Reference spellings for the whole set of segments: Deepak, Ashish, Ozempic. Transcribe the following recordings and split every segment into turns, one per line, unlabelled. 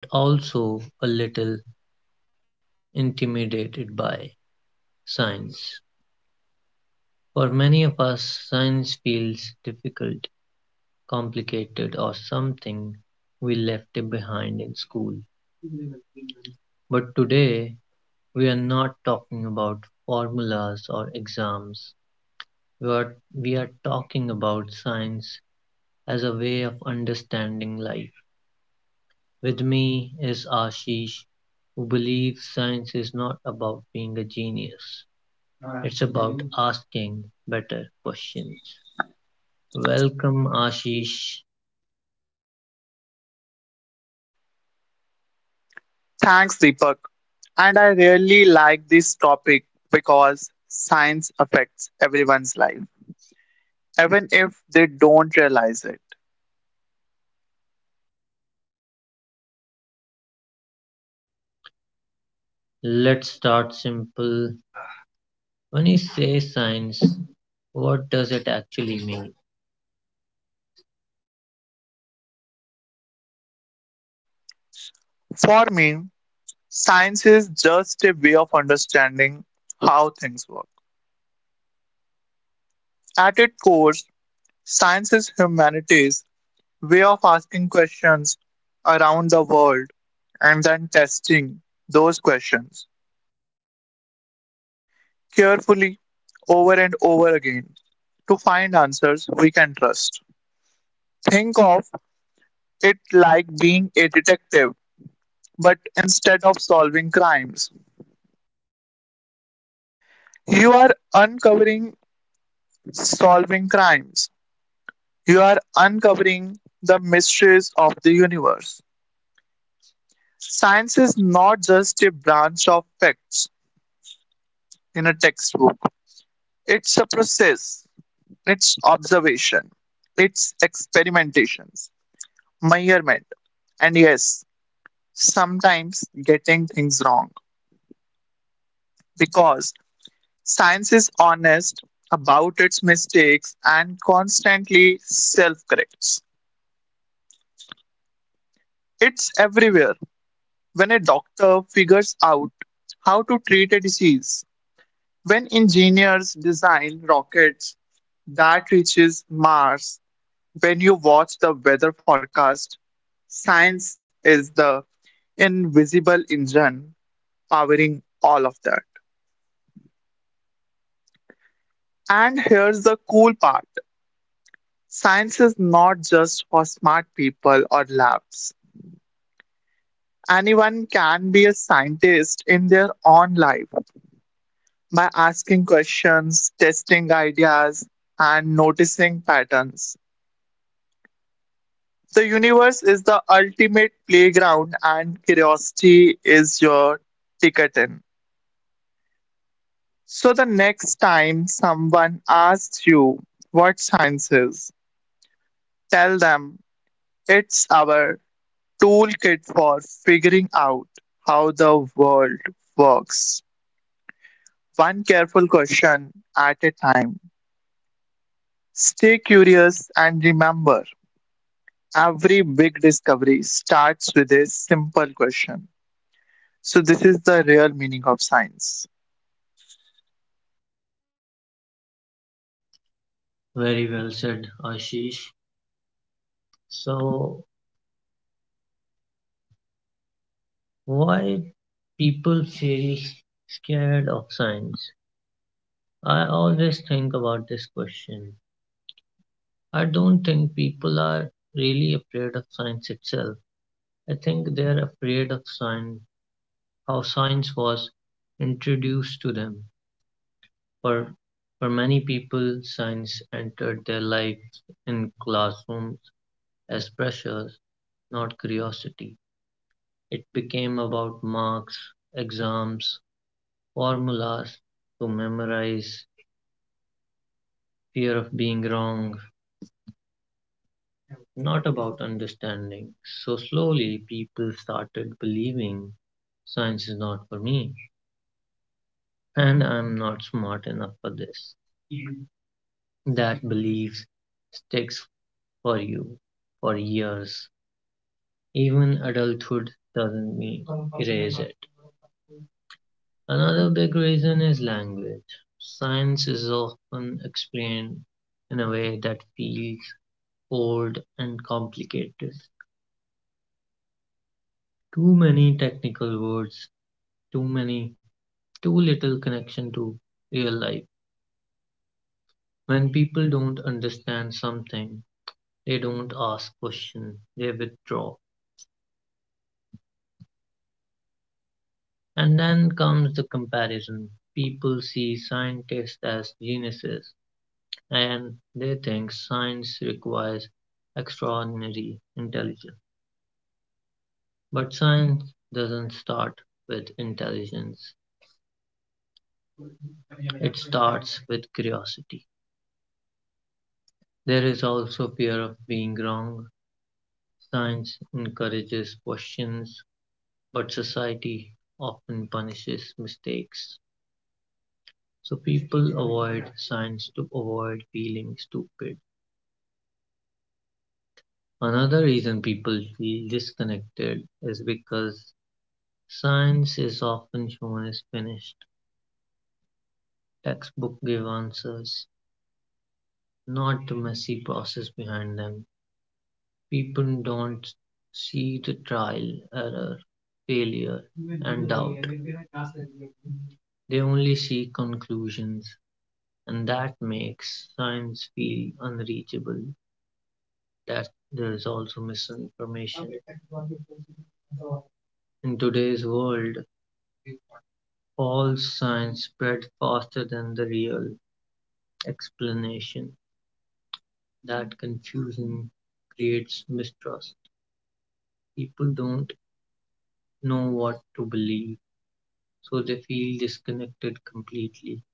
but also a little intimidated by science. For many of us, science feels difficult, complicated, or something we left it behind in school. But today, we are not talking about formulas or exams. What we are talking about science as a way of understanding life. With me is Ashish, who believes science is not about being a genius. It's about asking better questions. Welcome, Ashish.
Thanks, Deepak. And I really like this topic because science affects everyone's life, even if they don't realize it.
Let's start simple. When you say science, what does it actually mean?
For me, science is just a way of understanding how things work. At its core, science is humanity's way of asking questions around the world and then testing those questions carefully over and over again to find answers we can trust. Think of it like being a detective, but instead of you are uncovering solving crimes. You are uncovering the mysteries of the universe. Science is not just a branch of facts in a textbook. It's a process, it's observation, it's experimentations, measurement, and yes, sometimes getting things wrong. Because Science is honest about its mistakes and constantly self corrects. It's everywhere. When a doctor figures out how to treat a disease, when engineers design rockets that reaches Mars, when you watch the weather forecast, science is the invisible engine powering all of that. And here's the cool part: science is not just for smart people or labs. Anyone can be a scientist in their own life by asking questions, testing ideas, and noticing patterns. The universe is the ultimate playground, and curiosity is your ticket in. So, the next time someone asks you what science is, tell them it's our toolkit for figuring out how the world works. One careful question at a time. Stay curious and remember every big discovery starts with a simple question. So, this is the real meaning of science.
Very well said, Ashish. So, why people feel scared of science? I always think about this question. I don't think people are really afraid of science itself. I think they are afraid of science, how science was introduced to them. For for many people, science entered their lives in classrooms as pressures, not curiosity. It became about marks, exams, formulas to memorize, fear of being wrong, not about understanding. So slowly, people started believing science is not for me and I'm not smart enough for this. That belief sticks for you for years. Even adulthood doesn't me- erase it. Another big reason is language. Science is often explained in a way that feels old and complicated. Too many technical words, too many too little connection to real life. When people don't understand something, they don't ask questions, they withdraw. And then comes the comparison. People see scientists as geniuses and they think science requires extraordinary intelligence. But science doesn't start with intelligence, it starts with curiosity. There is also fear of being wrong. Science encourages questions, but society often punishes mistakes. So people avoid science to avoid feeling stupid. Another reason people feel disconnected is because science is often shown as finished. Textbook give answers, not the messy process behind them. People don't see the trial, error, failure, and doubt. They only see conclusions, and that makes science feel unreachable. That there is also misinformation. In today's world, false science spread faster than the real explanation. That confusion creates mistrust. People don't know what to believe so they feel disconnected completely.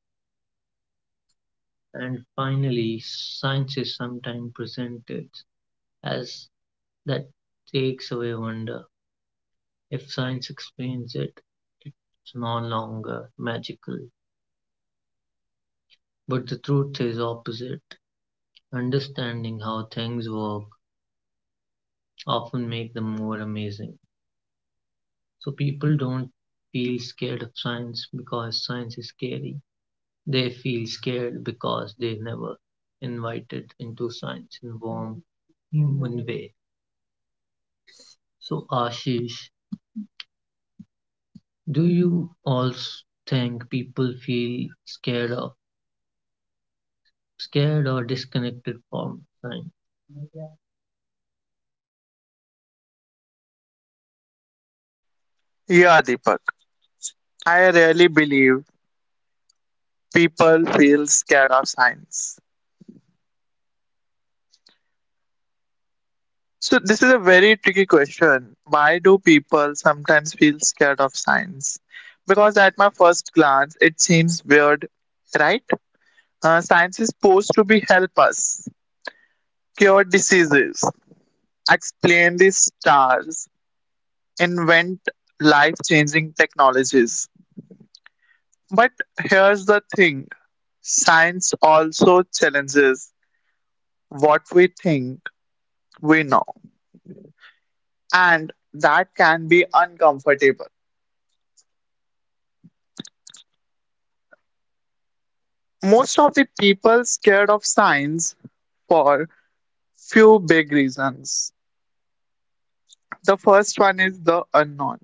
And finally, science is sometimes presented as that takes away wonder. If science explains it, it's no longer magical. But the truth is opposite. Understanding how things work often make them more amazing. So people don't feel scared of science because science is scary. They feel scared because they never invited into science in a warm, human way. So, Ashish, do you also think people feel scared or disconnected from science?
Yeah, Deepak, I really believe people feel scared of science. So, this is a very tricky question. Why do people sometimes feel scared of science? Because at my first glance, it seems weird, right? Science is supposed to be help us cure diseases, explain the stars, invent life changing technologies. But here's the thing: science also challenges what we think we know, and that can be uncomfortable. Most of the people scared of science for few big reasons. The first one is the unknown.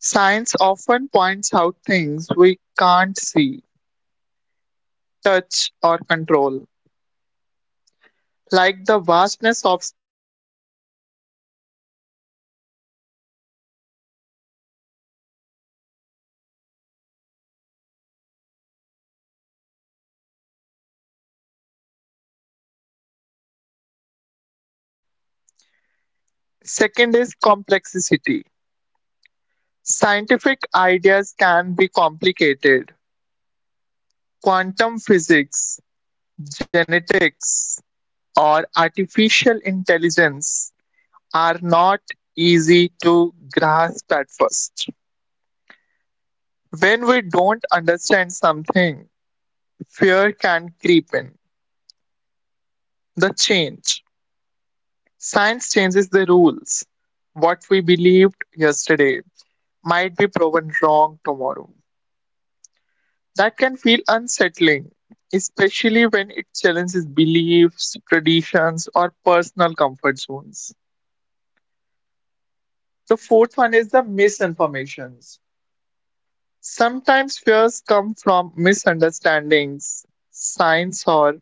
Science often points out things we can't see, touch, or control, like the vastness of space, the microscopic world, or climate change. Our brains naturally get anxious when faced with the unknown. Second is complexity. Scientific ideas can be complicated. Quantum physics, genetics, or artificial intelligence are not easy to grasp at first. When we don't understand something, fear can creep in. The change. Science changes the rules. What we believed yesterday might be proven wrong tomorrow. That can feel unsettling, especially when it challenges beliefs, traditions, or personal comfort zones. The fourth one is the misinformations. Sometimes fears come from misunderstandings, signs, or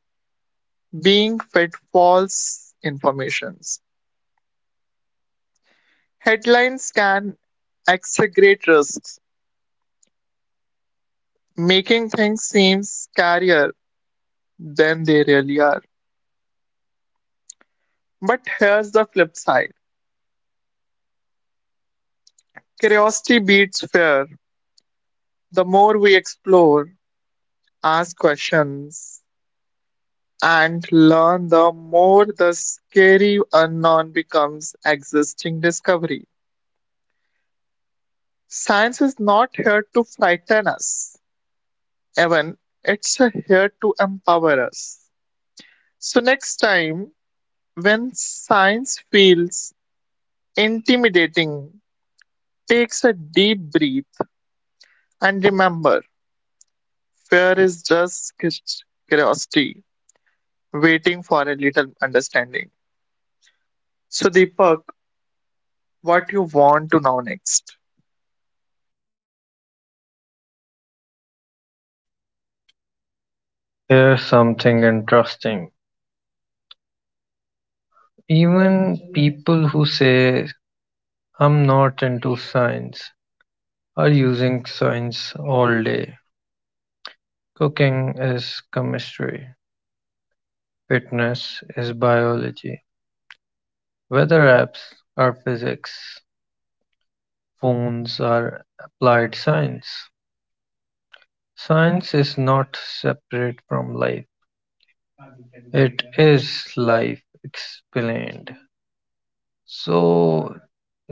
being fed false information. Headlines can exaggerate risks, making things seem scarier than they really are. But here's the flip side: curiosity beats fear. The more we explore, ask questions, and learn, the more the scary unknown becomes existing discovery. Science is not here to frighten us, Evan, it's here to empower us. So, next time, when science feels intimidating, takes a deep breath and remember fear is just curiosity waiting for a little understanding. So, Deepak, what you want to know next?
Here's something interesting. Even people who say, I'm not into science, are using science all day. Cooking is chemistry, fitness is biology, weather apps are physics, phones are applied science. Science is not separate from life. It is life explained. So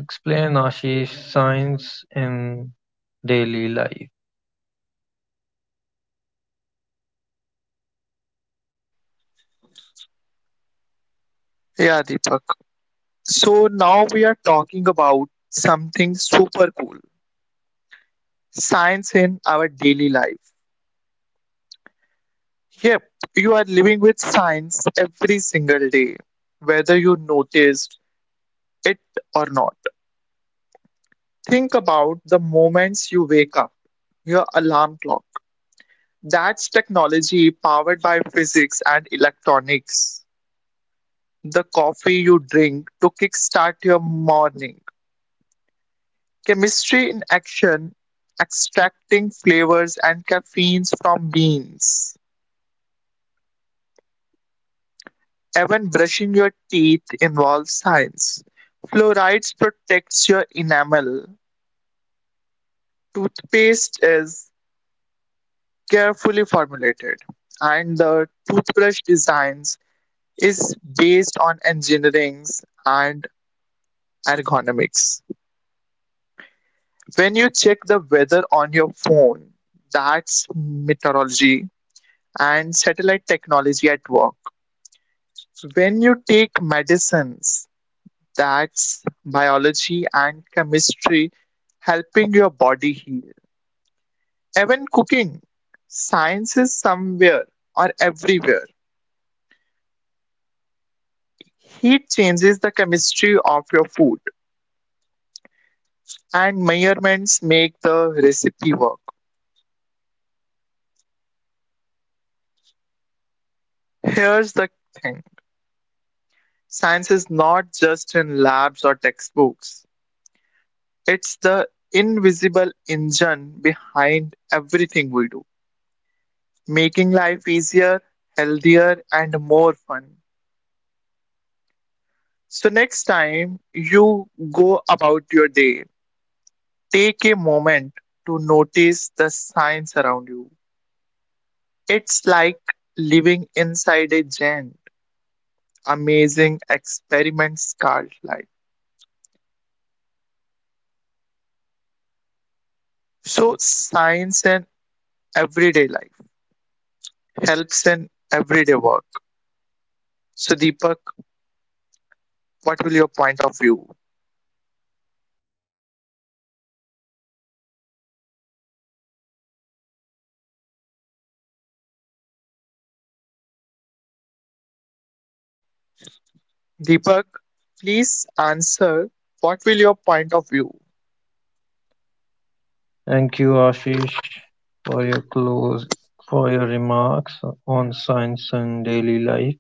explain Ashish science in daily life.
Yeah, Deepak. So, now we are talking about something super cool: science in our daily life. Yep, you are living with science every single day, whether you noticed it or not. Think about the moments you wake up, your alarm clock. That's technology powered by physics and electronics. The coffee you drink to kickstart your morning. Chemistry in action, extracting flavors and caffeines from beans. Even brushing your teeth involves science. Fluorides protects your enamel. Toothpaste is carefully formulated and the toothbrush designs is based on engineering and ergonomics. When you check the weather on your phone, that's meteorology and satellite technology at work. So when you take medicines, that's biology and chemistry helping your body heal. Even cooking, science is somewhere or everywhere. Heat changes the chemistry of your food, and measurements make the recipe work. Here's the thing: science is not just in labs or textbooks, it's the invisible engine behind everything we do, making life easier, healthier, and more fun. So, next time you go about your day, take a moment to notice the science around you. It's like living inside a giant, amazing experiment scarlet life. So, science and everyday life helps in everyday work. So, Deepak, what will your point of view? Deepak, please answer what will your point of view?
Thank you, Ashish, for your remarks on science and daily life.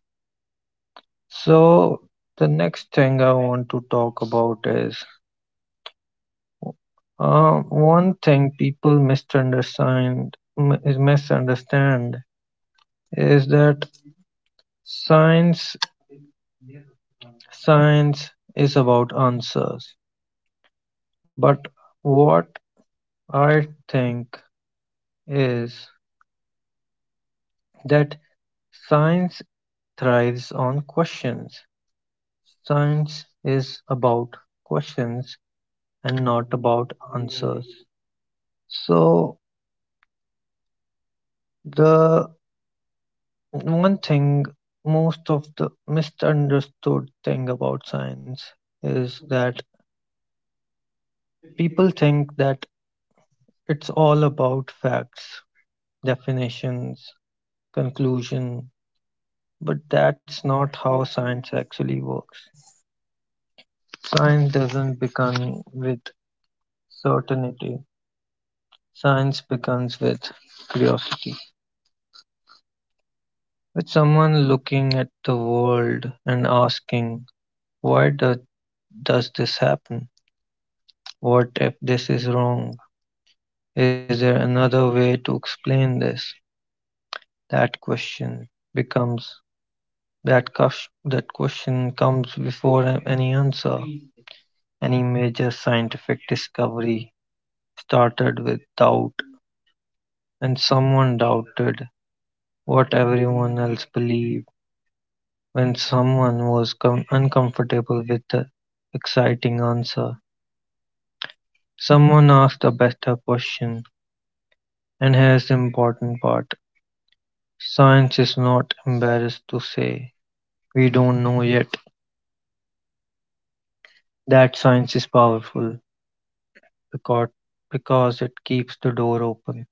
So the next thing I want to talk about is uh, one thing people misunderstand is that science Science is about answers, but what I think is that science thrives on questions. Science is about questions and not about answers. So, the one thing, most of the misunderstood thing about science is that people think that it's all about facts, definitions, conclusion. But that's not how science actually works. Science doesn't begin with certainty. Science begins with curiosity. With someone looking at the world and asking, why do, does this happen? What if this is wrong? Is there another way to explain this? That question becomes that cush, that question comes before any answer, any major scientific discovery started with doubt, and someone doubted what everyone else believed. When someone was uncomfortable with the exciting answer, someone asked a better question. And here's the important part, science is not embarrassed to say, we don't know yet. That science is powerful because, because it keeps the door open.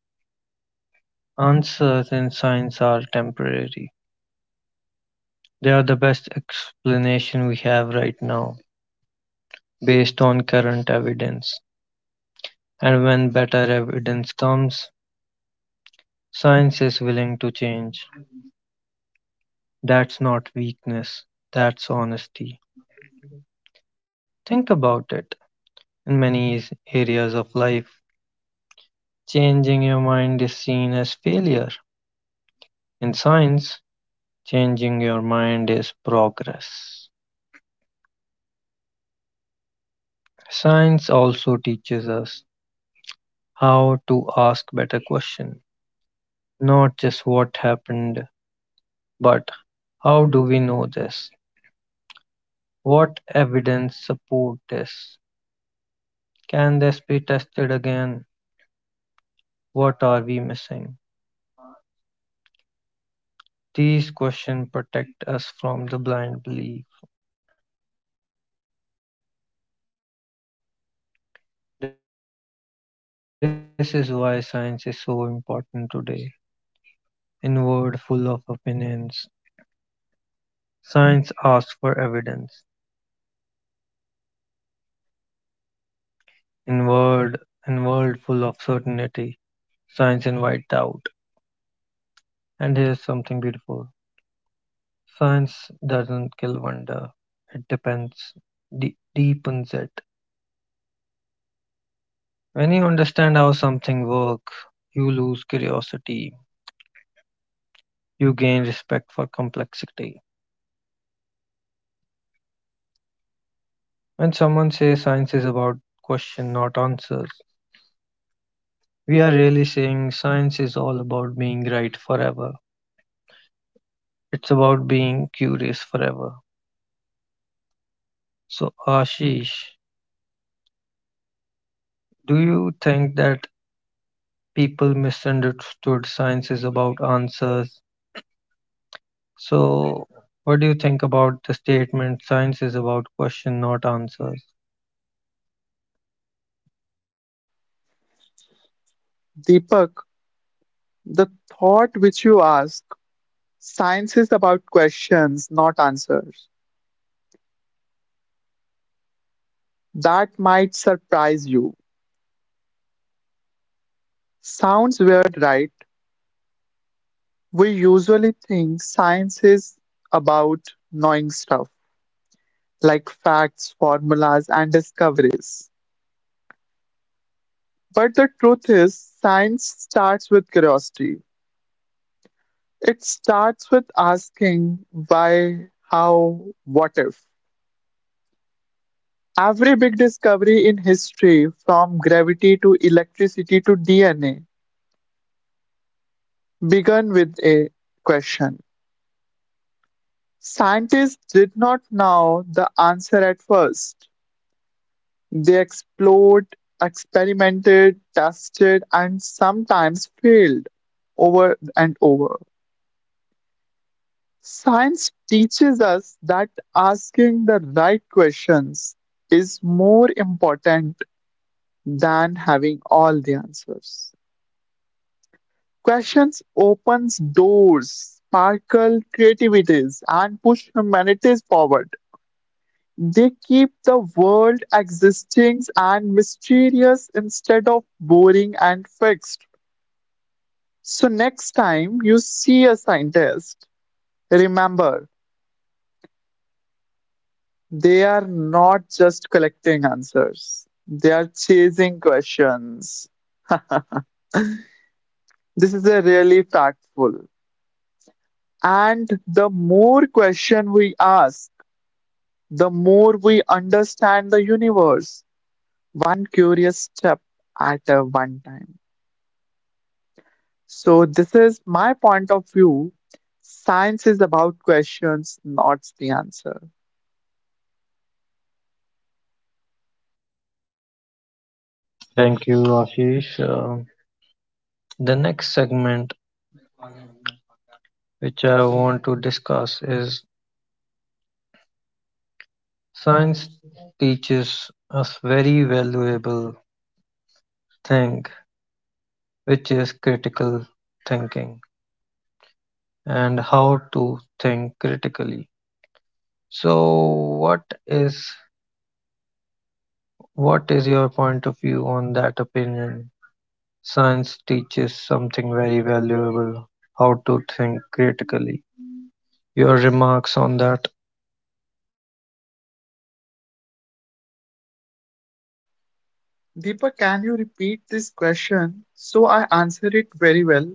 Answers in science are temporary. They are the best explanation we have right now, based on current evidence. And when better evidence comes, science is willing to change. That's not weakness, that's honesty. Think about it. In many areas of life, changing your mind is seen as failure. In science, changing your mind is progress. Science also teaches us how to ask better questions, not just what happened, but how do we know this? What evidence supports this? Can this be tested again? What are we missing? These questions protect us from the blind belief. This is why science is so important today. In a world full of opinions, science asks for evidence. In world in world full of certainty, science invites doubt. And here's something beautiful. Science doesn't kill wonder. It deepens it. When you understand how something works, you lose curiosity, you gain respect for complexity. When someone says science is about question not answers, we are really saying science is all about being right forever. It's about being curious forever. So Ashish, do you think that people misunderstood science is about answers? So what do you think about the statement science is about question not answers?
Deepak, the thought which you ask, science is about questions, not answers. That might surprise you. Sounds weird, right? We usually think science is about knowing stuff, like facts, formulas, and discoveries. But the truth is, science starts with curiosity. It starts with asking why, how, what if. Every big discovery in history, from gravity to electricity to DNA, began with a question. Scientists did not know the answer at first. They explored, experimented, tested, and sometimes failed over and over. Science teaches us that asking the right questions is more important than having all the answers. Questions opens doors, sparkle creativities, and push humanities forward. They keep the world existing and mysterious instead of boring and fixed. So next time you see a scientist, remember they are not just collecting answers, they are chasing questions. This is a really factful. And the more question we ask, the more we understand the universe, one curious step at a one time. So this is my point of view. Science is about questions, not the answer.
Thank you, Ashish. The next segment, which I want to discuss, is science teaches us very valuable thing, which is critical thinking and how to think critically. So, what is what is your point of view on that opinion? Science teaches something very valuable, how to think critically. Your remarks on that?
Deepa, can you repeat this question so I answer it very well?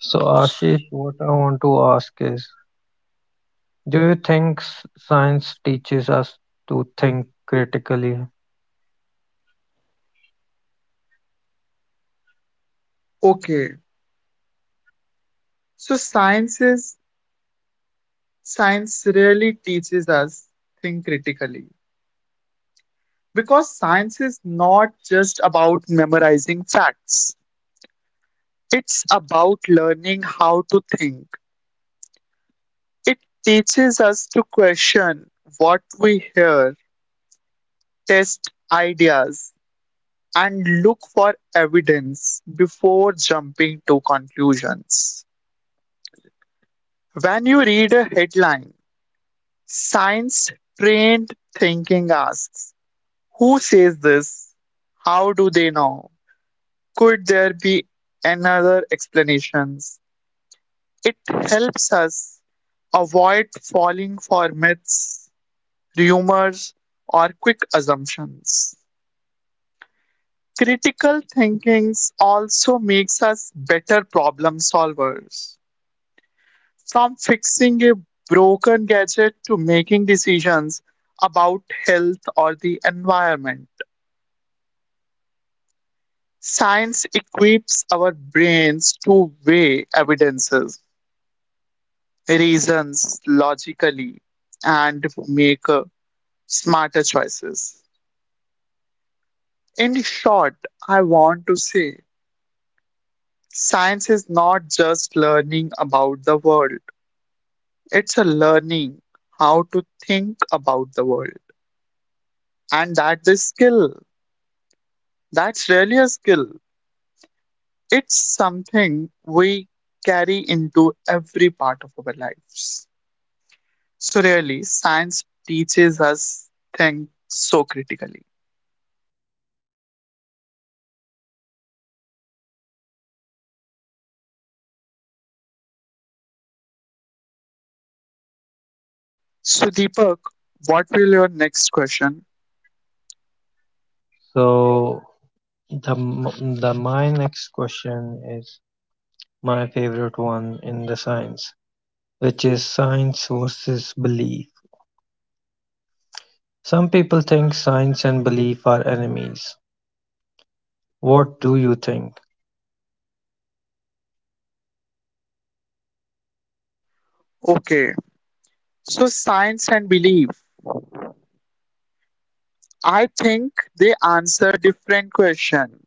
So, Ashish, what I want to ask is, do you think science teaches us to think critically?
Okay. So science is Science really teaches us think critically because science is not just about memorizing facts. It's about learning how to think. It teaches us to question what we hear, test ideas, and look for evidence before jumping to conclusions. When you read a headline, science trained thinking asks, who says this? How do they know? Could there be another explanations? It helps us avoid falling for myths, rumors, or quick assumptions. Critical thinking also makes us better problem solvers. From fixing a broken gadget to making decisions about health or the environment, science equips our brains to weigh evidences, reasons logically, and make smarter choices. In short, I want to say science is not just learning about the world, it's a learning how to think about the world. And that's a skill. That's really a skill. It's something we carry into every part of our lives. So, really, science teaches us think so critically. So, Deepak, what will your next question?
So, the m- the my next question is my favorite one in the science, which is science versus belief. Some people think science and belief are enemies. What do you think?
Okay, so science and belief. I think they answer different question.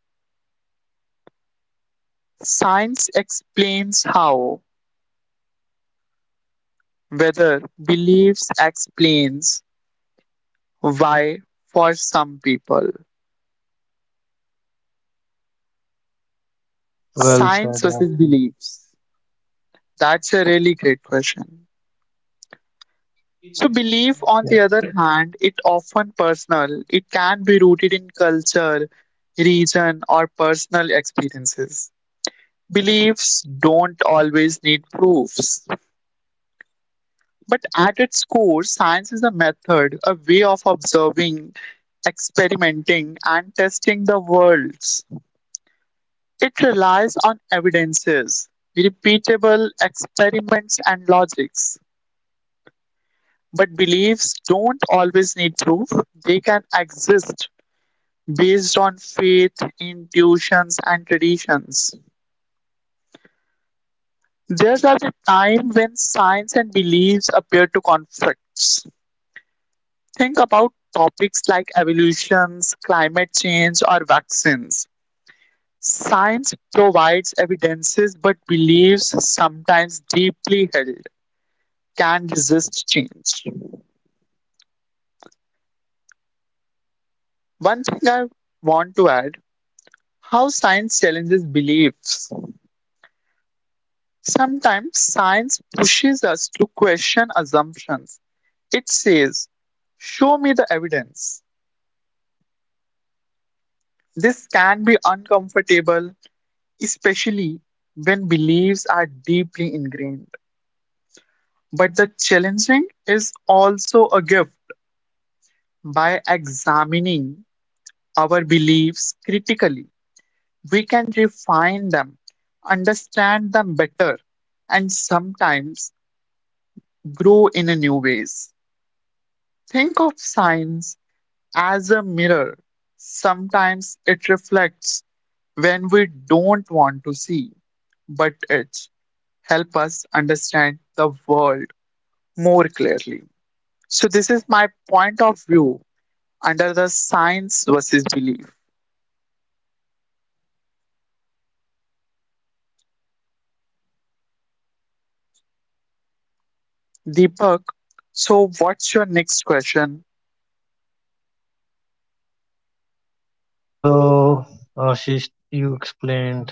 Science explains how, whether beliefs explains why for some people.
Well
Science
said,
versus
Ashish.
beliefs. That's a really great question. So
Yeah.
belief, on the other hand, it often personal. It can be rooted in culture, region, or personal experiences. Beliefs don't always need proofs, but at its core, science is a method, a way of observing, experimenting, and testing the worlds. It relies on evidences, repeatable experiments, and logics. But beliefs don't always need proof, they can exist based on faith, intuitions, and traditions. There are the time when science and beliefs appear to conflict. Think about topics like evolutions, climate change, or vaccines. Science provides evidences, but beliefs, sometimes deeply held, can resist change. One thing I want to add: how science challenges beliefs. Sometimes science pushes us to question assumptions. It says, show me the evidence. This can be uncomfortable, especially when beliefs are deeply ingrained. But the challenging is also a gift. By examining our beliefs critically, we can refine them, understand them better, and sometimes grow in a new ways. Think of science as a mirror. Sometimes it reflects when we don't want to see, but it helps us understand the world more clearly. So this is my point of view under the science versus belief. Deepak, so what's your next question?
So, Ashish, you explained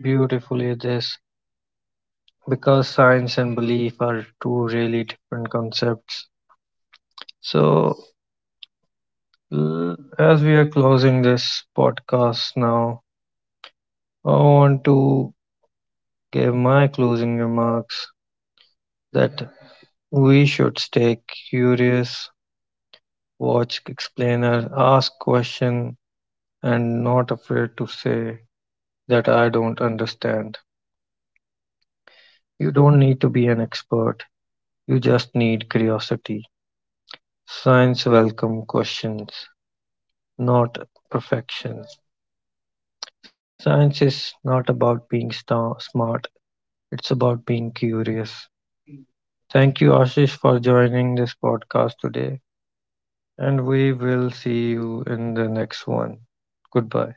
beautifully this because science and belief are two really different concepts. So, as we are closing this podcast now, I want to give my closing remarks that we should stay curious, watch explainer, ask question, and not afraid to say that I don't understand. You don't need to be an expert. You just need curiosity. Science welcome questions, not perfection. Science is not about being smart, it's about being curious. Thank you, Ashish, for joining this podcast today, and we will see you in the next one. Goodbye.